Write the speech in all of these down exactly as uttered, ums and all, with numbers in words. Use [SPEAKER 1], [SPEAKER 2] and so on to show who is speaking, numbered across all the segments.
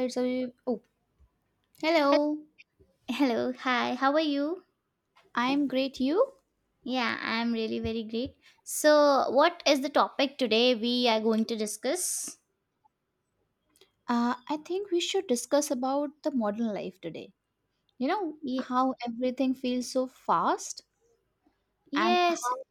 [SPEAKER 1] It's a, oh,
[SPEAKER 2] Hel-
[SPEAKER 1] hello.
[SPEAKER 2] Hello, hi, how are you?
[SPEAKER 1] I'm great. You?
[SPEAKER 2] Yeah, I'm really very great. So, what is the topic today we are going to discuss?
[SPEAKER 1] Uh, I think we should discuss about the modern life today. You know
[SPEAKER 2] Ye-
[SPEAKER 1] how everything feels so fast and
[SPEAKER 2] yes.
[SPEAKER 1] how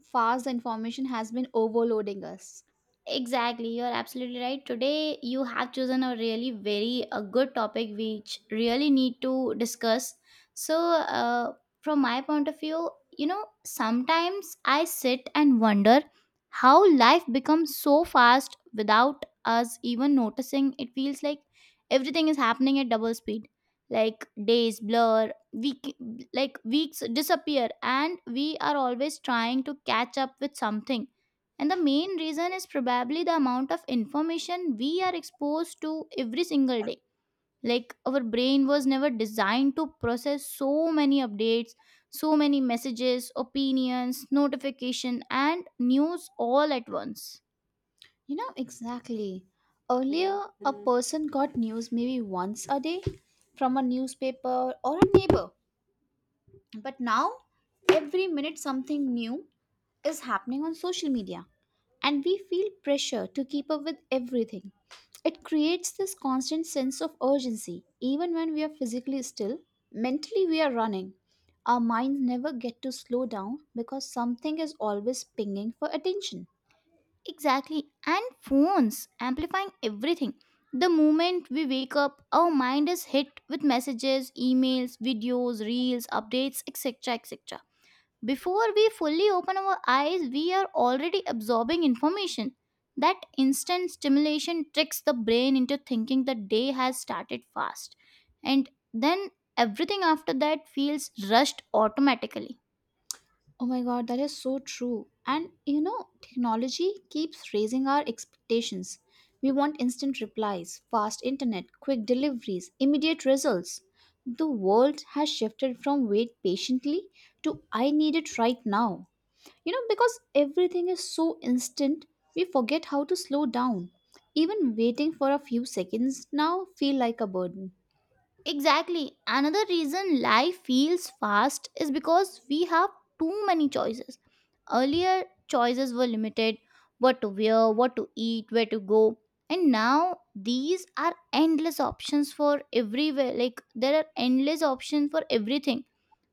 [SPEAKER 1] fast the information has been overloading us.
[SPEAKER 2] Exactly, you're absolutely right. Today, you have chosen a really very a good topic which really need to discuss. So, uh, from my point of view, you know, sometimes I sit and wonder how life becomes so fast without us even noticing. It feels like everything is happening at double speed. Like days blur, week like weeks disappear, and we are always trying to catch up with something and the main reason is probably the amount of information we are exposed to every single day. Like our brain was never designed to process so many updates, so many messages, opinions, notification and news all at once.
[SPEAKER 1] You know exactly. Earlier, a person got news maybe once a day from a newspaper or a neighbor, but now every minute something new is happening on social media, and we feel pressure to keep up with everything. It creates this constant sense of urgency, even when we are physically still, mentally, we are running. Our minds never get to slow down because something is always pinging for attention.
[SPEAKER 2] Exactly. And phones amplifying everything. The moment we wake up, our mind is hit with messages, emails, videos, reels, updates, et cetera et cetera. Before we fully open our eyes, we are already absorbing information. That instant stimulation tricks the brain into thinking the day has started fast. And then everything after that feels rushed automatically.
[SPEAKER 1] Oh my god, that is so true. And you know, technology keeps raising our expectations. We want instant replies, fast internet, quick deliveries, immediate results. The world has shifted from wait patiently to I need it right now. You know, because everything is so instant, we forget how to slow down. Even waiting for a few seconds now feel like a burden.
[SPEAKER 2] Exactly. Another reason life feels fast is because we have too many choices. Earlier, choices were limited, what to wear, what to eat, where to go. And now, these are endless options for everywhere. Like, there are endless options for everything.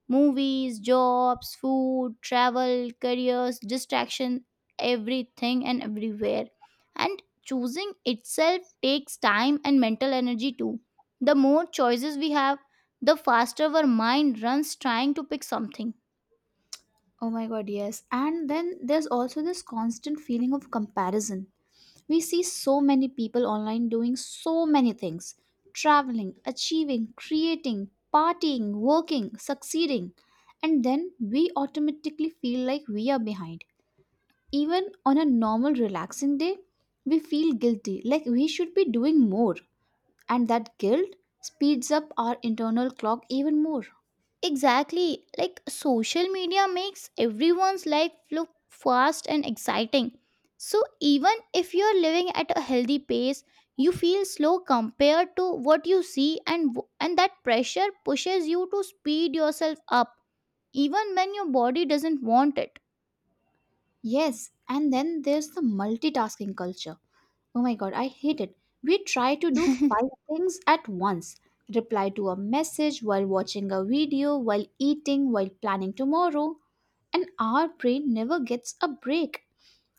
[SPEAKER 2] Movies, jobs, food, travel, careers, distraction, everything and everywhere. And choosing itself takes time and mental energy too. The more choices we have, the faster our mind runs trying to pick something.
[SPEAKER 1] Oh my god, yes. And then there's also this constant feeling of comparison. We see so many people online doing so many things, traveling, achieving, creating, partying, working, succeeding. And then we automatically feel like we are behind. Even on a normal, relaxing day, we feel guilty, like we should be doing more. And that guilt speeds up our internal clock even more.
[SPEAKER 2] Exactly. Like social media makes everyone's life look fast and exciting. So even if you're living at a healthy pace, you feel slow compared to what you see and w- and that pressure pushes you to speed yourself up even when your body doesn't want it.
[SPEAKER 1] Yes, and then there's the multitasking culture. Oh my god, I hate it. We try to do five things at once, reply to a message while watching a video, while eating, while planning tomorrow. And our brain never gets a break.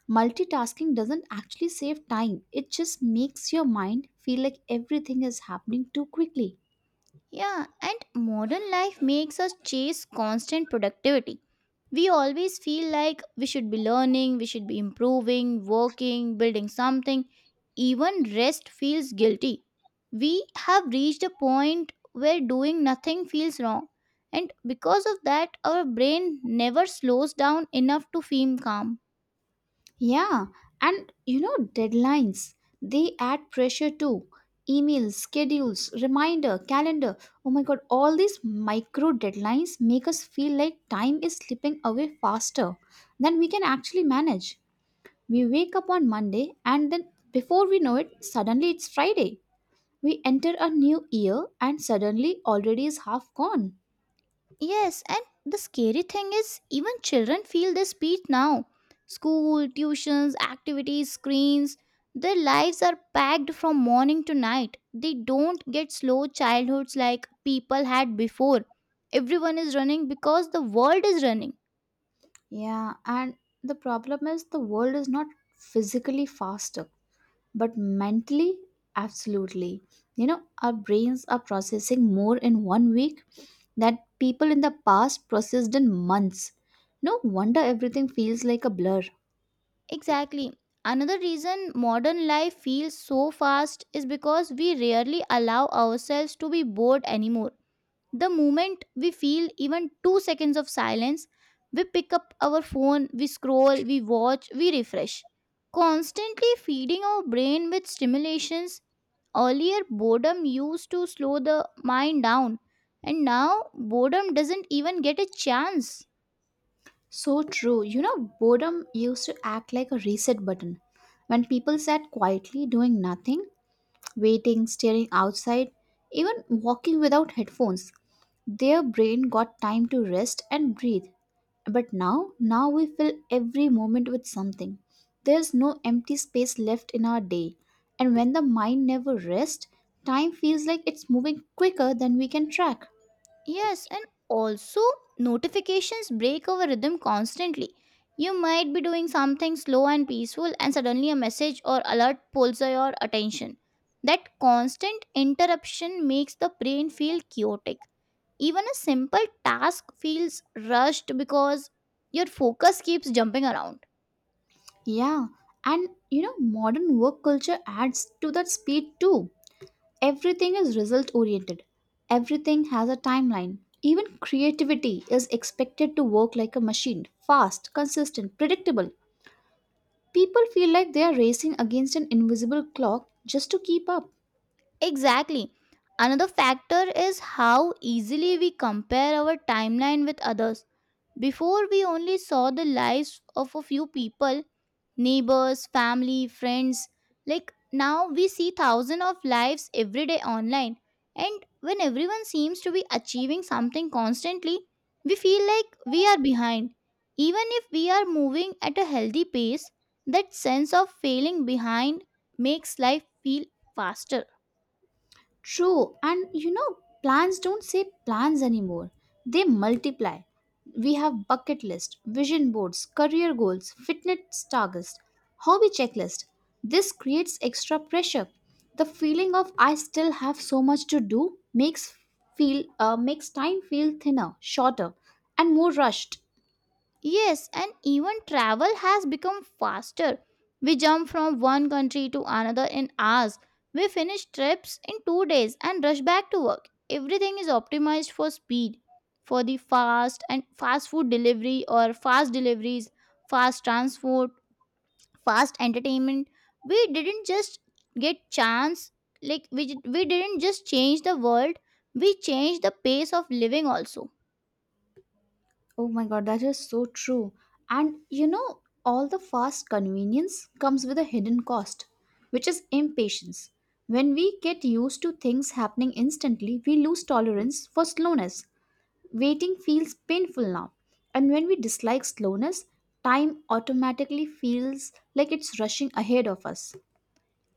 [SPEAKER 1] Multitasking doesn't actually save time, it just makes your mind feel like everything is happening too quickly.
[SPEAKER 2] Yeah, and modern life makes us chase constant productivity. We always feel like we should be learning, we should be improving, working, building something. Even rest feels guilty. We have reached a point where doing nothing feels wrong. And because of that, our brain never slows down enough to feel calm.
[SPEAKER 1] Yeah, and you know, deadlines, they add pressure too. Emails, schedules, reminder, calendar. Oh my god, all these micro deadlines make us feel like time is slipping away faster than we can actually manage. We wake up on Monday and then before we know it, suddenly it's Friday. We enter a new year and suddenly already is half gone.
[SPEAKER 2] Yes, and the scary thing is, even children feel this beat now. School, tuitions, activities, screens, their lives are packed from morning to night. They don't get slow childhoods like people had before. Everyone is running because the world is running.
[SPEAKER 1] Yeah, and the problem is the world is not physically faster but mentally absolutely. You know, our brains are processing more in one week that people in the past processed in months. No wonder everything feels like a blur.
[SPEAKER 2] Exactly. Another reason modern life feels so fast is because we rarely allow ourselves to be bored anymore. The moment we feel even two seconds of silence, we pick up our phone, we scroll, we watch, we refresh. Constantly feeding our brain with stimulations, earlier boredom used to slow the mind down, and now boredom doesn't even get a chance.
[SPEAKER 1] So true. You know, boredom used to act like a reset button. When people sat quietly doing nothing, waiting, staring outside, even walking without headphones. Their brain got time to rest and breathe. But now, now we fill every moment with something. There's no empty space left in our day. And when the mind never rests, time feels like it's moving quicker than we can track.
[SPEAKER 2] Yes, and also notifications break our rhythm constantly. You might be doing something slow and peaceful, and suddenly a message or alert pulls your attention. That constant interruption makes the brain feel chaotic. Even a simple task feels rushed because your focus keeps jumping around.
[SPEAKER 1] Yeah, and you know, modern work culture adds to that speed too. Everything is result oriented. Everything has a timeline. Even creativity is expected to work like a machine, fast, consistent, predictable. People feel like they are racing against an invisible clock just to keep up.
[SPEAKER 2] Exactly. Another factor is how easily we compare our timeline with others. Before, we only saw the lives of a few people, neighbors, family, friends. Like now, we see thousands of lives every day online. And when everyone seems to be achieving something constantly, we feel like we are behind. Even if we are moving at a healthy pace, that sense of failing behind makes life feel faster.
[SPEAKER 1] True, and you know, plans don't say plans anymore. They multiply. We have bucket list, vision boards, career goals, fitness targets, hobby checklist. This creates extra pressure. The feeling of I still have so much to do makes feel uh, makes time feel thinner, shorter, and more rushed.
[SPEAKER 2] Yes, and even travel has become faster. We jump from one country to another in hours. We finish trips in two days and rush back to work. Everything is optimized for speed, for the fast and fast food delivery or fast deliveries, fast transport, fast entertainment. We didn't just get chance, like we, we didn't just change the world, we changed the pace of living also.
[SPEAKER 1] Oh my god, that is so true. And you know, all the fast convenience comes with a hidden cost, which is impatience. When we get used to things happening instantly, we lose tolerance for slowness. Waiting feels painful now. And when we dislike slowness, time automatically feels like it's rushing ahead of us.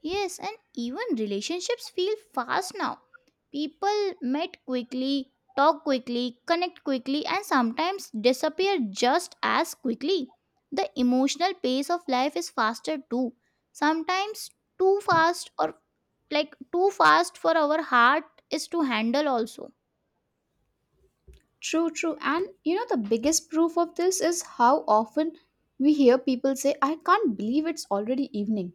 [SPEAKER 2] Yes, and even relationships feel fast now. People met quickly, talk quickly, connect quickly, and sometimes disappear just as quickly. The emotional pace of life is faster too. Sometimes too fast, or like too fast for our heart is to handle, also.
[SPEAKER 1] True, true. And you know, the biggest proof of this is how often we hear people say, I can't believe it's already evening,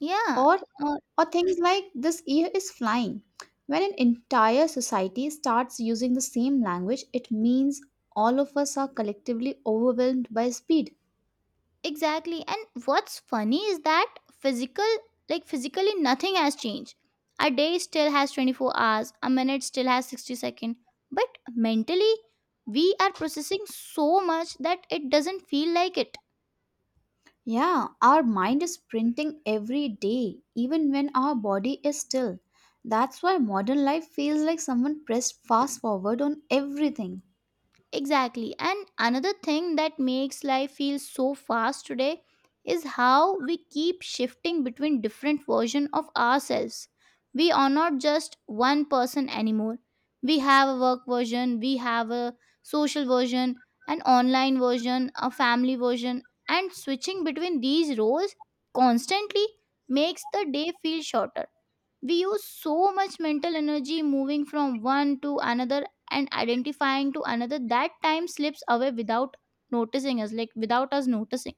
[SPEAKER 2] Yeah.
[SPEAKER 1] or
[SPEAKER 2] uh,
[SPEAKER 1] or things like this year is flying. When an entire society starts using the same language, it means all of us are collectively overwhelmed by speed.
[SPEAKER 2] Exactly. And what's funny is that physical, like physically, nothing has changed. A day still has twenty-four hours, a minute still has sixty seconds. But mentally, we are processing so much that it doesn't feel like it.
[SPEAKER 1] Yeah, our mind is sprinting every day even when our body is still. That's why modern life feels like someone pressed fast forward on everything.
[SPEAKER 2] Exactly. And another thing that makes life feel so fast today is how we keep shifting between different versions of ourselves. We are not just one person anymore. We have a work version, we have a social version, an online version, a family version, and switching between these roles constantly makes the day feel shorter. We use so much mental energy moving from one to another and identifying to another that time slips away without noticing us, like without us noticing.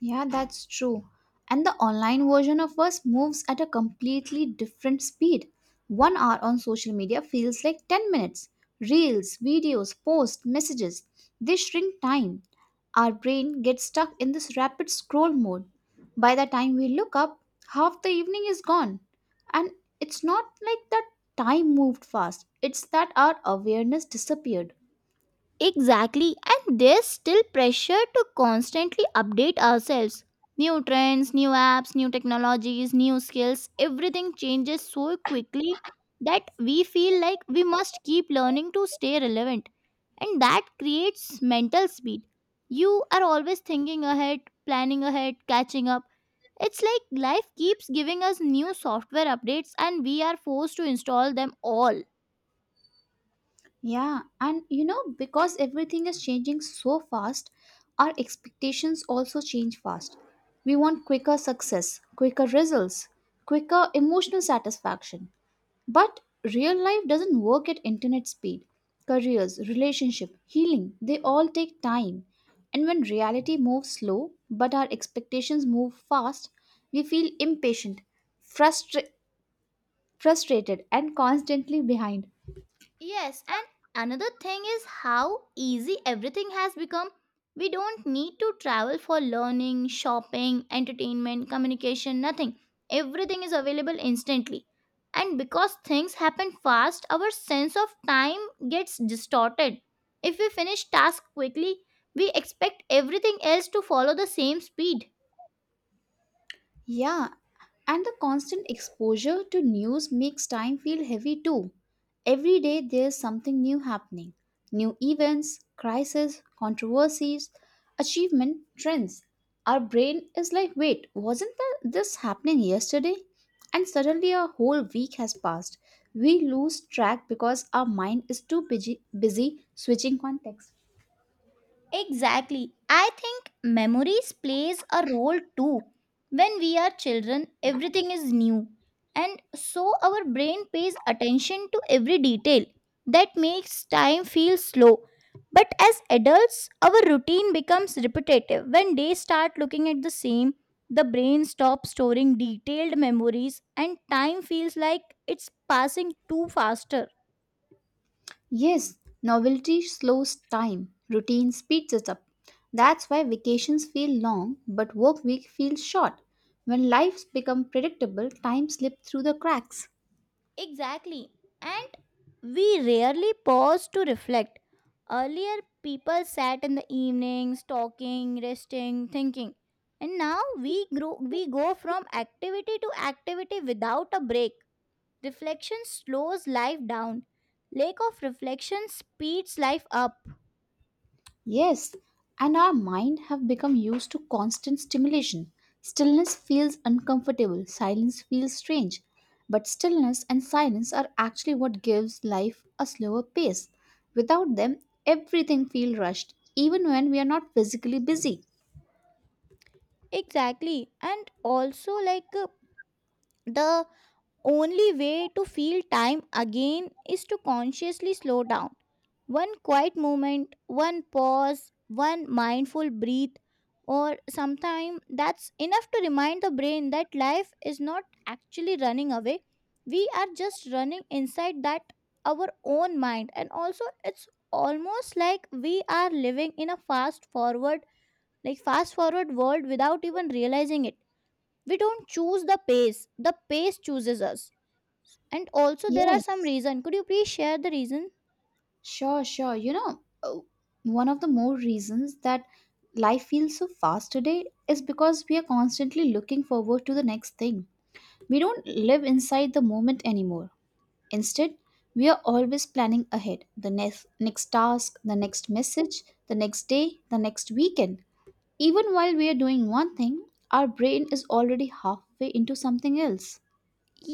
[SPEAKER 1] Yeah, that's true. And the online version of us moves at a completely different speed. One hour on social media feels like ten minutes. Reels, videos, posts, messages, they shrink time. Our brain gets stuck in this rapid scroll mode. By the time we look up, half the evening is gone. And it's not like that time moved fast, it's that our awareness disappeared.
[SPEAKER 2] Exactly, and there's still pressure to constantly update ourselves. New trends, new apps, new technologies, new skills, everything changes so quickly that we feel like we must keep learning to stay relevant. And that creates mental speed. You are always thinking ahead, planning ahead, catching up. It's like life keeps giving us new software updates and we are forced to install them all.
[SPEAKER 1] Yeah, and you know, because everything is changing so fast, our expectations also change fast. We want quicker success, quicker results, quicker emotional satisfaction. But real life doesn't work at internet speed. Careers, relationship, healing, they all take time. And when reality moves slow, but our expectations move fast, we feel impatient, frustra- frustrated, and constantly behind.
[SPEAKER 2] Yes, and another thing is how easy everything has become. We don't need to travel for learning, shopping, entertainment, communication, nothing. Everything is available instantly. And because things happen fast, our sense of time gets distorted. If we finish tasks quickly, we expect everything else to follow the same speed.
[SPEAKER 1] Yeah, and the constant exposure to news makes time feel heavy too. Every day there's something new happening, new events, crises, controversies, achievement, trends. Our brain is like, wait, wasn't tha- this happening yesterday? And suddenly a whole week has passed. We lose track because our mind is too busy, busy switching context.
[SPEAKER 2] Exactly. I think memories plays a role too. When we are children, everything is new and so our brain pays attention to every detail. That makes time feel slow. But as adults, our routine becomes repetitive. When days start looking at the same, the brain stops storing detailed memories and time feels like it's passing too faster.
[SPEAKER 1] Yes, novelty slows time, routine speeds it up. That's why vacations feel long but work week feels short. When lives become predictable, time slips through the cracks.
[SPEAKER 2] Exactly. And we rarely pause to reflect. Earlier, people sat in the evenings talking, resting, thinking. And now we grow, we go from activity to activity without a break. Reflection slows life down. Lack of reflection speeds life up.
[SPEAKER 1] Yes, and our mind have become used to constant stimulation. Stillness feels uncomfortable, silence feels strange. But stillness and silence are actually what gives life a slower pace. Without them, everything feels rushed, even when we are not physically busy.
[SPEAKER 2] Exactly. And also, like uh, the only way to feel time again is to consciously slow down. One quiet moment, one pause, one mindful breath, or sometime that's enough to remind the brain that life is not actually running away. We are just running inside that our own mind, and also it's almost like we are living in a fast forward, like fast forward world without even realizing it. We don't choose the pace, the pace chooses us and also there are some
[SPEAKER 1] Yes.
[SPEAKER 2] reason, could you please share the reason?
[SPEAKER 1] Sure, sure. You know, uh, one of the more reasons that life feels so fast today is because we are constantly looking forward to the next thing. We don't live inside the moment anymore. Instead, we are always planning ahead the next, next task, the next message, the next day, the next weekend. Even while we are doing one thing, our brain is already halfway into something else.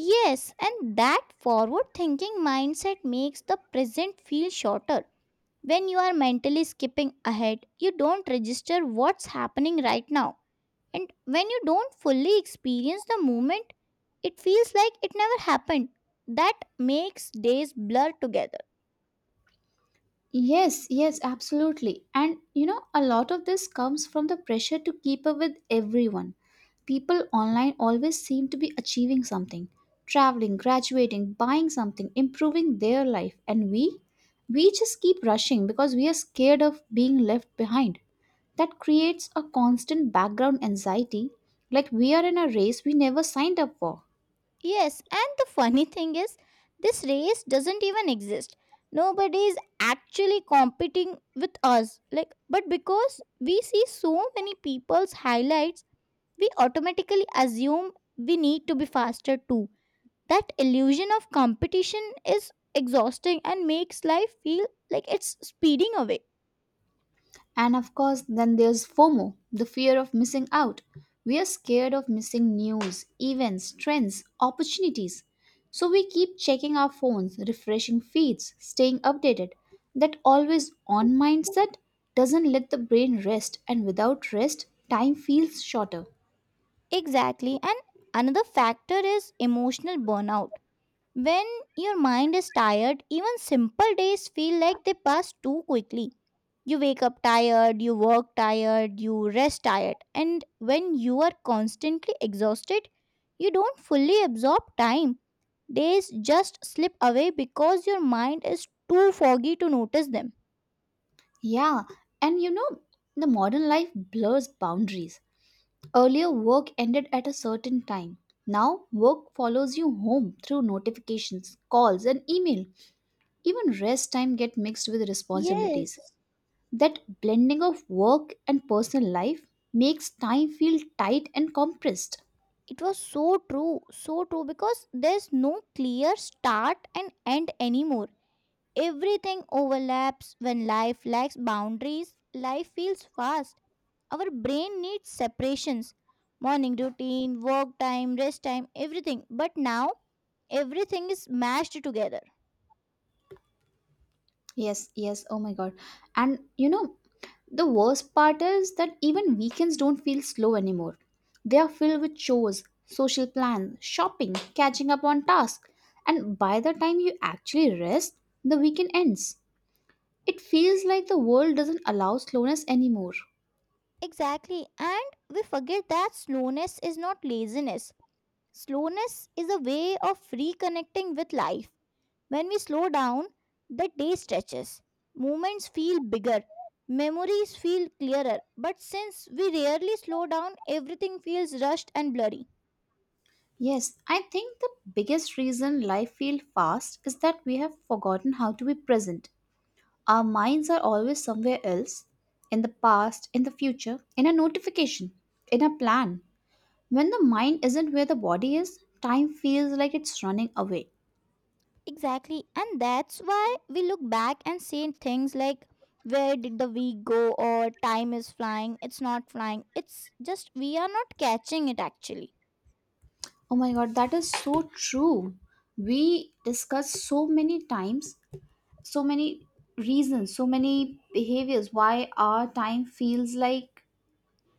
[SPEAKER 2] Yes, and that forward thinking mindset makes the present feel shorter. When you are mentally skipping ahead you don't register what's happening right now, and when you don't fully experience the moment it feels like it never happened. That makes days blur together.
[SPEAKER 1] Yes, yes, absolutely. And you know, a lot of this comes from the pressure to keep up with everyone. People online always seem to be achieving something, traveling, graduating, buying something, improving their life, and we we just keep rushing because we are scared of being left behind. That creates a constant background anxiety, like we are in a race we never signed up for.
[SPEAKER 2] Yes, and the funny thing is, this race doesn't even exist. Nobody is actually competing with us. Like, but because we see so many people's highlights, we automatically assume we need to be faster too. That illusion of competition is exhausting and makes life feel like it's speeding away.
[SPEAKER 1] And of course, then there's FOMO, the fear of missing out. We are scared of missing news, events, trends, opportunities. So we keep checking our phones, refreshing feeds, staying updated. That always on mindset doesn't let the brain rest, and without rest, time feels shorter.
[SPEAKER 2] Exactly. And another factor is emotional burnout. When your mind is tired, even simple days feel like they pass too quickly. You wake up tired, you work tired, you rest tired, and when you are constantly exhausted, you don't fully absorb time. Days just slip away because your mind is too foggy to notice them.
[SPEAKER 1] Yeah, and you know, the modern life blurs boundaries. Earlier, work ended at a certain time. Now, work follows you home through notifications, calls, and email. Even rest time get mixed with responsibilities.
[SPEAKER 2] Yes,
[SPEAKER 1] That blending of work and personal life makes time feel tight and compressed.
[SPEAKER 2] it was so true, so true because there's no clear start and end anymore. Everything overlaps when life lacks boundaries. Life feels fast. Our brain needs separations, morning routine, work time, rest time, everything. But now, everything is mashed together.
[SPEAKER 1] Yes, yes, oh my god. And you know, the worst part is that even weekends don't feel slow anymore. They are filled with chores, social plans, shopping, catching up on tasks, and by the time you actually rest, the weekend ends. It feels like the world doesn't allow slowness anymore.
[SPEAKER 2] Exactly. And we forget that slowness is not laziness, slowness is a way of reconnecting with life. When we slow down, the day stretches. Moments feel bigger. Memories feel clearer. But since we rarely slow down, everything feels rushed and blurry.
[SPEAKER 1] Yes, I think the biggest reason life feels fast is that we have forgotten how to be present. Our minds are always somewhere else, in the past, in the future, in a notification, in a plan. When the mind isn't where the body is, time feels like it's running away.
[SPEAKER 2] Exactly. And that's why we look back and say things like, where did the week go? Or time is flying. It's not flying. It's just we are not catching it actually.
[SPEAKER 1] Oh my god, that is so true. We discuss so many times, so many reasons, so many behaviors why our time feels like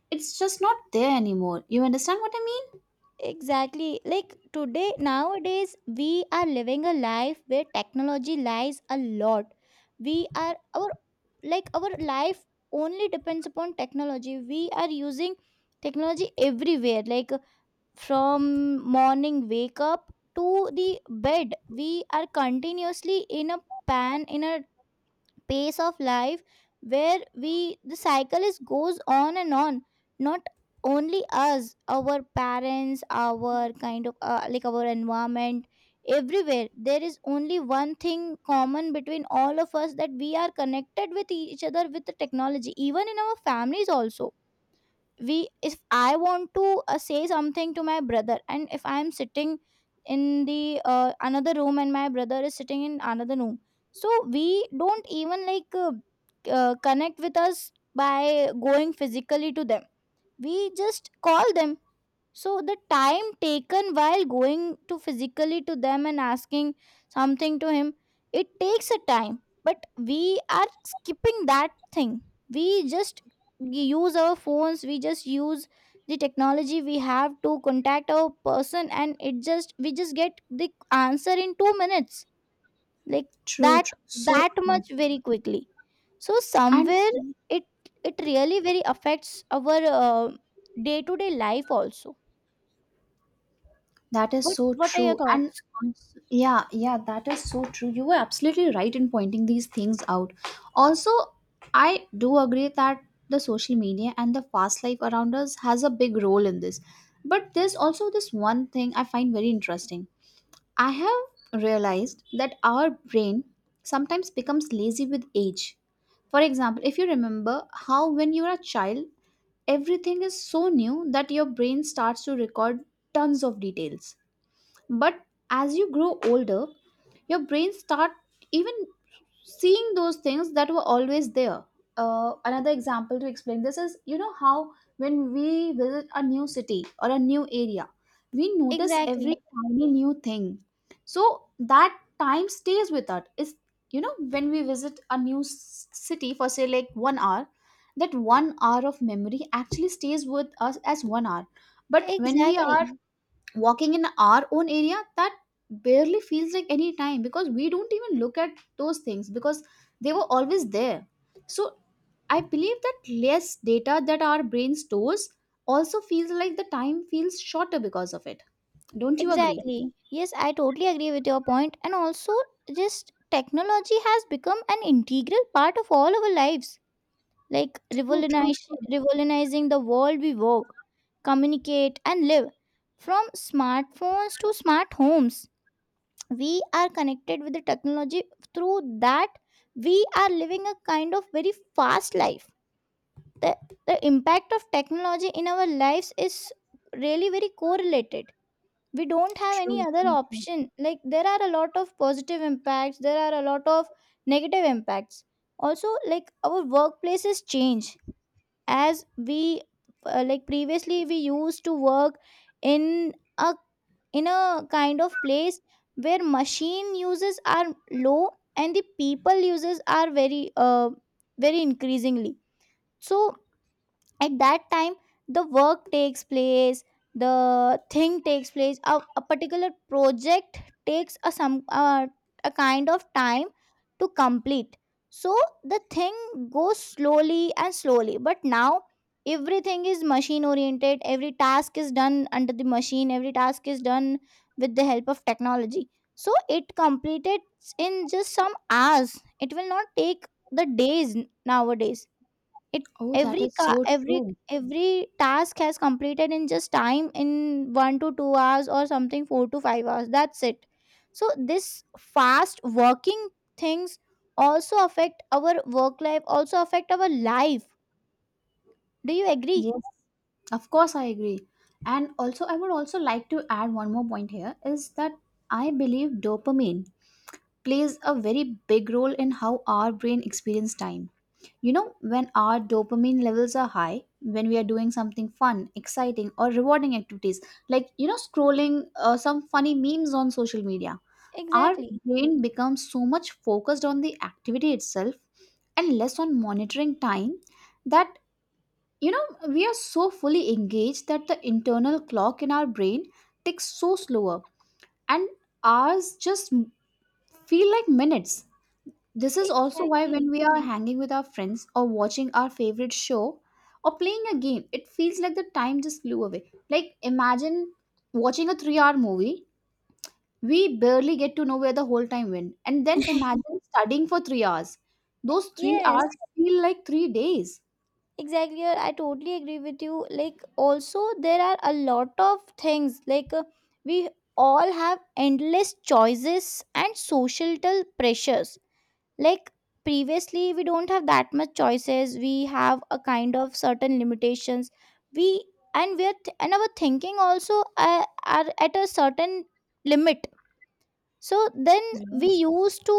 [SPEAKER 1] it's just not there anymore. You understand what I mean?
[SPEAKER 2] Exactly. Like today, nowadays, we are living a life where technology lies a lot. We are our like our life only depends upon technology. We are using technology everywhere. Like from morning wake up to the bed, we are continuously in a pan in a pace of life where we the cycle is goes on and on, not only us, our parents, our kind of uh, like our environment. Everywhere there is only one thing common between all of us, that we are connected with each other with the technology, even in our families also. We, if I want to uh, say something to my brother, and if I am sitting in the uh, another room and my brother is sitting in another room, so we don't even like uh, uh, connect with us by going physically to them, we just call them. So the time taken while going to physically to them and asking something to him, it takes a time. But we are skipping that thing. We just use our phones, we just use the technology we have to contact our person, and it just we just get the answer in two minutes. Like
[SPEAKER 1] True,
[SPEAKER 2] that,
[SPEAKER 1] true, so
[SPEAKER 2] that
[SPEAKER 1] true.
[SPEAKER 2] much very quickly. So
[SPEAKER 1] And
[SPEAKER 2] somewhere it it really very affects our uh, day to day life also.
[SPEAKER 1] that is
[SPEAKER 2] What
[SPEAKER 1] so
[SPEAKER 2] what are your
[SPEAKER 1] true. And
[SPEAKER 2] thoughts?
[SPEAKER 1] also- yeah, yeah, that is so true. You were absolutely right in pointing these things out. Also, I do agree that the social media and the fast life around us has a big role in this. But there's also this one thing I find very interesting. I have realized that our brain sometimes becomes lazy with age. For example, if you remember how when you are a child, everything is so new that your brain starts to record tons of details. But as you grow older, your brain start even seeing those things that were always there. Uh, another example to explain this is you know how when we visit a new city or a new area, we notice every
[SPEAKER 2] Exactly.
[SPEAKER 1] tiny new thing. So that time stays with us. It's, you know, when we visit a new s- city for say like one hour, that one hour of memory actually stays with us as one hour. But when we
[SPEAKER 2] Exactly.
[SPEAKER 1] are walking in our own area, that barely feels like any time because we don't even look at those things because they were always there. So I believe that less data that our brain stores also feels like the time feels shorter because of it. Don't you agree?
[SPEAKER 2] Exactly. Yes, I totally agree with your point. And also, just technology has become an integral part of all our lives, like
[SPEAKER 1] True, true,
[SPEAKER 2] revolutionize,
[SPEAKER 1] true,
[SPEAKER 2] revolutionizing the world we work, communicate, and live. From smartphones to smart homes, we are connected with the technology. Through that, we are living a kind of very fast life. The, the impact of technology in our lives is really very correlated. We don't have any
[SPEAKER 1] true,
[SPEAKER 2] other
[SPEAKER 1] true, true.
[SPEAKER 2] option, like there are a lot of positive impacts, there are a lot of negative impacts also. Like our workplaces change as we, uh, like previously we used to work in a in a kind of place where machine uses are low and the people uses are very uh, very increasingly. So at that time the work takes place, the thing takes place, a, a particular project takes a some uh, a kind of time to complete. So the thing goes slowly and slowly, but now everything is machine oriented, every task is done under the machine, every task is done with the help of technology, so it completed in just some hours, it will not take the days nowadays. It
[SPEAKER 1] Oh, that
[SPEAKER 2] every
[SPEAKER 1] is
[SPEAKER 2] car,
[SPEAKER 1] so
[SPEAKER 2] every
[SPEAKER 1] true.
[SPEAKER 2] every task has completed in just time, in one to two hours or something, four to five hours. That's it. So this fast working things also affect our work life, also affect our life. Do you agree?
[SPEAKER 1] Yes, of course, I agree. And also, I would also like to add one more point here is that I believe dopamine plays a very big role in how our brain experiences time. You know, when our dopamine levels are high, when we are doing something fun, exciting, or rewarding activities, like, you know, scrolling uh, some funny memes on social media, our
[SPEAKER 2] Exactly.
[SPEAKER 1] brain becomes so much focused on the activity itself and less on monitoring time that, you know, we are so fully engaged that the internal clock in our brain ticks so slower and hours just feel like minutes. This is also why when
[SPEAKER 2] Exactly.
[SPEAKER 1] we are hanging with our friends or watching our favorite show or playing a game, it feels like the time just flew away. Like imagine watching a three-hour movie, we barely get to know where the whole time went. And then imagine studying for three hours. Those three
[SPEAKER 2] Yes.
[SPEAKER 1] hours feel like three days.
[SPEAKER 2] Exactly. Yeah, I totally agree with you. Like, also, there are a lot of things. Like, uh, we all have endless choices and societal pressures. Like previously we don't have that much choices, we have a kind of certain limitations. We, and we are th- and our thinking also uh, are at a certain limit. So then we
[SPEAKER 1] Yes,
[SPEAKER 2] used to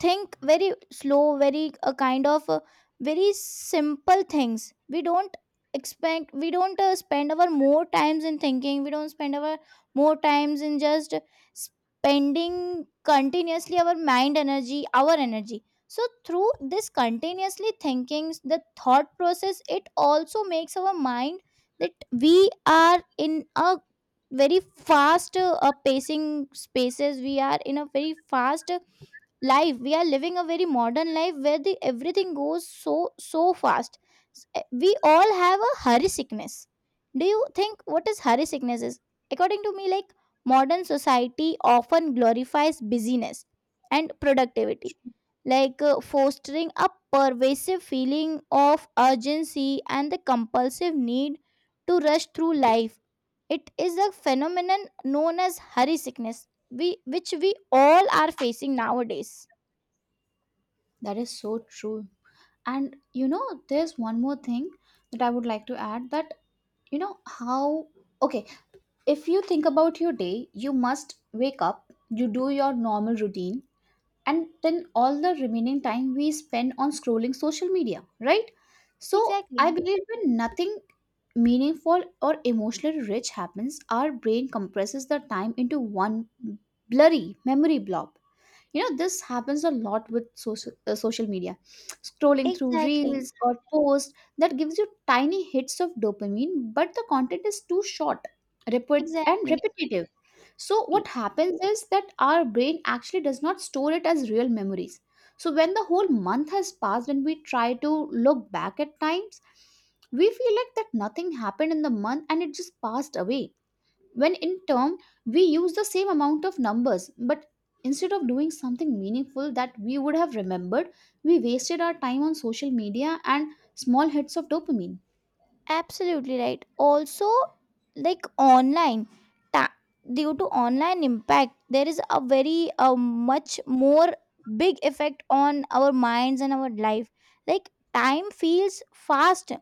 [SPEAKER 2] think very slow, very a kind of uh, very simple things. We don't expect, we don't uh, spend our more times in thinking, we don't spend our more times in just spending continuously our mind energy, our energy. So through this continuously thinking the thought process, it also makes our mind that we are in a very fast uh, uh, pacing spaces, we are in a very fast uh, life, we are living a very modern life where the everything goes so so fast. S- eh, we all have a hurry sickness. Do you think what is hurry sickness is? According to me, like modern society often glorifies busyness and productivity, like uh, fostering a pervasive feeling of urgency and the compulsive need to rush through life. It is a phenomenon known as hurry sickness, we which we all are facing nowadays.
[SPEAKER 1] that is so true. And you know, there's one more thing that I would like to add that you know how, okay, if you think about your day, you must wake up, you do your normal routine, and then all the remaining time we spend on scrolling social media, right? So I
[SPEAKER 2] Exactly.
[SPEAKER 1] believe when nothing meaningful or emotionally rich happens, our brain compresses the time into one blurry memory blob. You know, this happens a lot with social uh, social media, scrolling through
[SPEAKER 2] Exactly.
[SPEAKER 1] reels or posts that gives you tiny hits of dopamine but the content is too short, repeat and
[SPEAKER 2] Exactly.
[SPEAKER 1] repetitive. So
[SPEAKER 2] I-
[SPEAKER 1] what happens is that our brain actually does not store it as real memories. So when the whole month has passed and we try to look back at times, we feel like that nothing happened in the month and it just passed away, when in turn we use the same amount of numbers but instead of doing something meaningful that we would have remembered, we wasted our time on social media and small hits of dopamine.
[SPEAKER 2] Absolutely right. Also, like online, ta- due to online impact, there is a very uh, much more big effect on our minds and our life. Like time feels fast,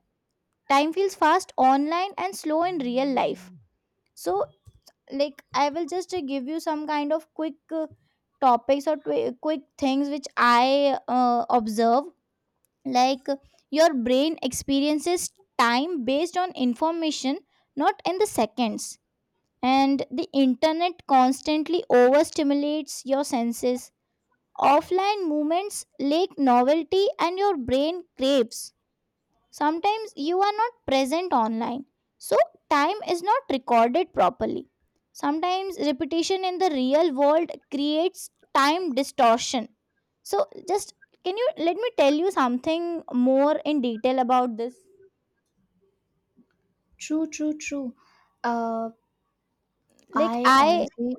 [SPEAKER 2] time feels fast online and slow in real life. So, like I will just uh, give you some kind of quick uh, topics or twi- quick things which I uh, observe. Like, uh, your brain experiences time based on information, not in the seconds, and the internet constantly overstimulates your senses. Offline movements lack novelty and your brain craves. Sometimes you are not present online, so time is not recorded properly. Sometimes repetition in the real world creates time distortion. So, just can you let me tell you something more in detail about this?
[SPEAKER 1] True, true, true. uh
[SPEAKER 2] Like,
[SPEAKER 1] I
[SPEAKER 2] I
[SPEAKER 1] honestly,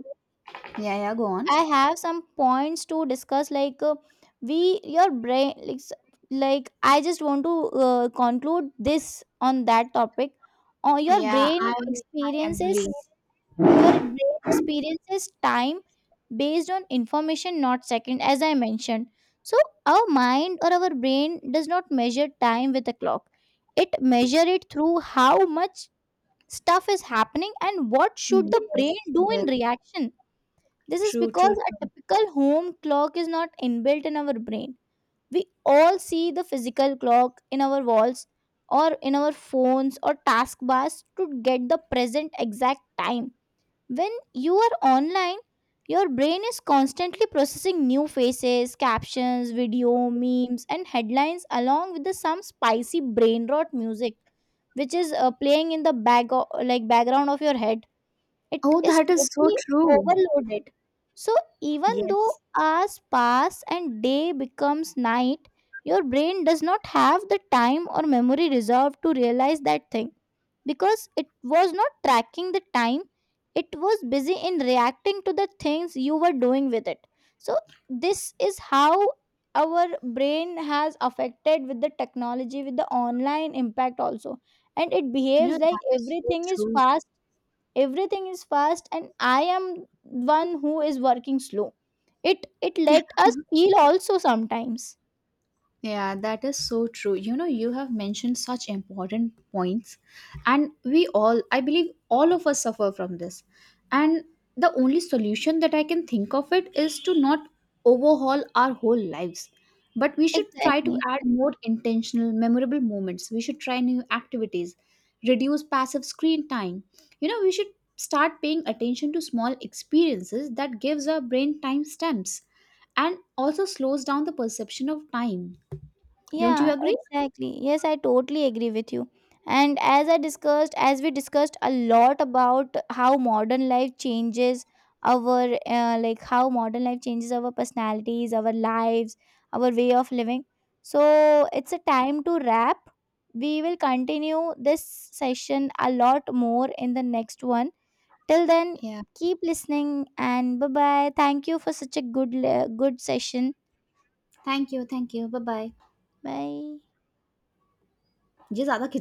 [SPEAKER 1] yeah, yeah, go on.
[SPEAKER 2] I have some points to discuss. Like, uh, we your brain like s- like I just want to uh, conclude this on that topic. Or your
[SPEAKER 1] Yeah, i
[SPEAKER 2] brain
[SPEAKER 1] i agree.
[SPEAKER 2] experiences Your brain experiences time based on information, not second, as I mentioned. So our mind or our brain does not measure time with a clock. It measure it through how much stuff is happening and what should the brain
[SPEAKER 1] Yes,
[SPEAKER 2] do in
[SPEAKER 1] yes.
[SPEAKER 2] reaction. This is
[SPEAKER 1] True,
[SPEAKER 2] because
[SPEAKER 1] true,
[SPEAKER 2] a
[SPEAKER 1] true.
[SPEAKER 2] typical home clock is not inbuilt in our brain. We all see the physical clock in our walls or in our phones or task bars to get the present exact time. When you are online, your brain is constantly processing new faces, captions, video, memes, and headlines along with the some spicy brain rot music, which is uh, playing in the back o- like background of your head. It
[SPEAKER 1] Oh,
[SPEAKER 2] is
[SPEAKER 1] that is so
[SPEAKER 2] totally
[SPEAKER 1] true.
[SPEAKER 2] overloaded. So even though
[SPEAKER 1] Yes.
[SPEAKER 2] hours pass and day becomes night, your brain does not have the time or memory reserve to realize that thing, because it was not tracking the time, it was busy in reacting to the things you were doing with it. So this is how our brain has affected with the technology, with the online impact also, and it
[SPEAKER 1] You know,
[SPEAKER 2] behaves like
[SPEAKER 1] that is so
[SPEAKER 2] everything is
[SPEAKER 1] true.
[SPEAKER 2] fast, everything is fast and I am one who is working slow. It it let us feel also sometimes.
[SPEAKER 1] Yeah, that is so true. You know, you have mentioned such important points, and we all, I believe, all of us suffer from this. And the only solution that I can think of it is to not overhaul our whole lives, but we should try to
[SPEAKER 2] Exactly.
[SPEAKER 1] add more intentional, memorable moments. We should try new activities, reduce passive screen time. You know, we should start paying attention to small experiences that gives our brain time stamps, and also slows down the perception of time. Don't you
[SPEAKER 2] Yeah,
[SPEAKER 1] agree?
[SPEAKER 2] exactly. Yes, I totally agree with you. And as I discussed, as we discussed a lot about how modern life changes our, uh, like how modern life changes our personalities, our lives, our way of living. So it's a time to wrap. We will continue this session a lot more in the next one. Till then,
[SPEAKER 1] Yeah.
[SPEAKER 2] keep listening, and bye bye. Thank you for such a good, le- good session.
[SPEAKER 1] Thank you. Thank you. Bye bye.
[SPEAKER 2] Bye.
[SPEAKER 1] ये ज्यादा खिंच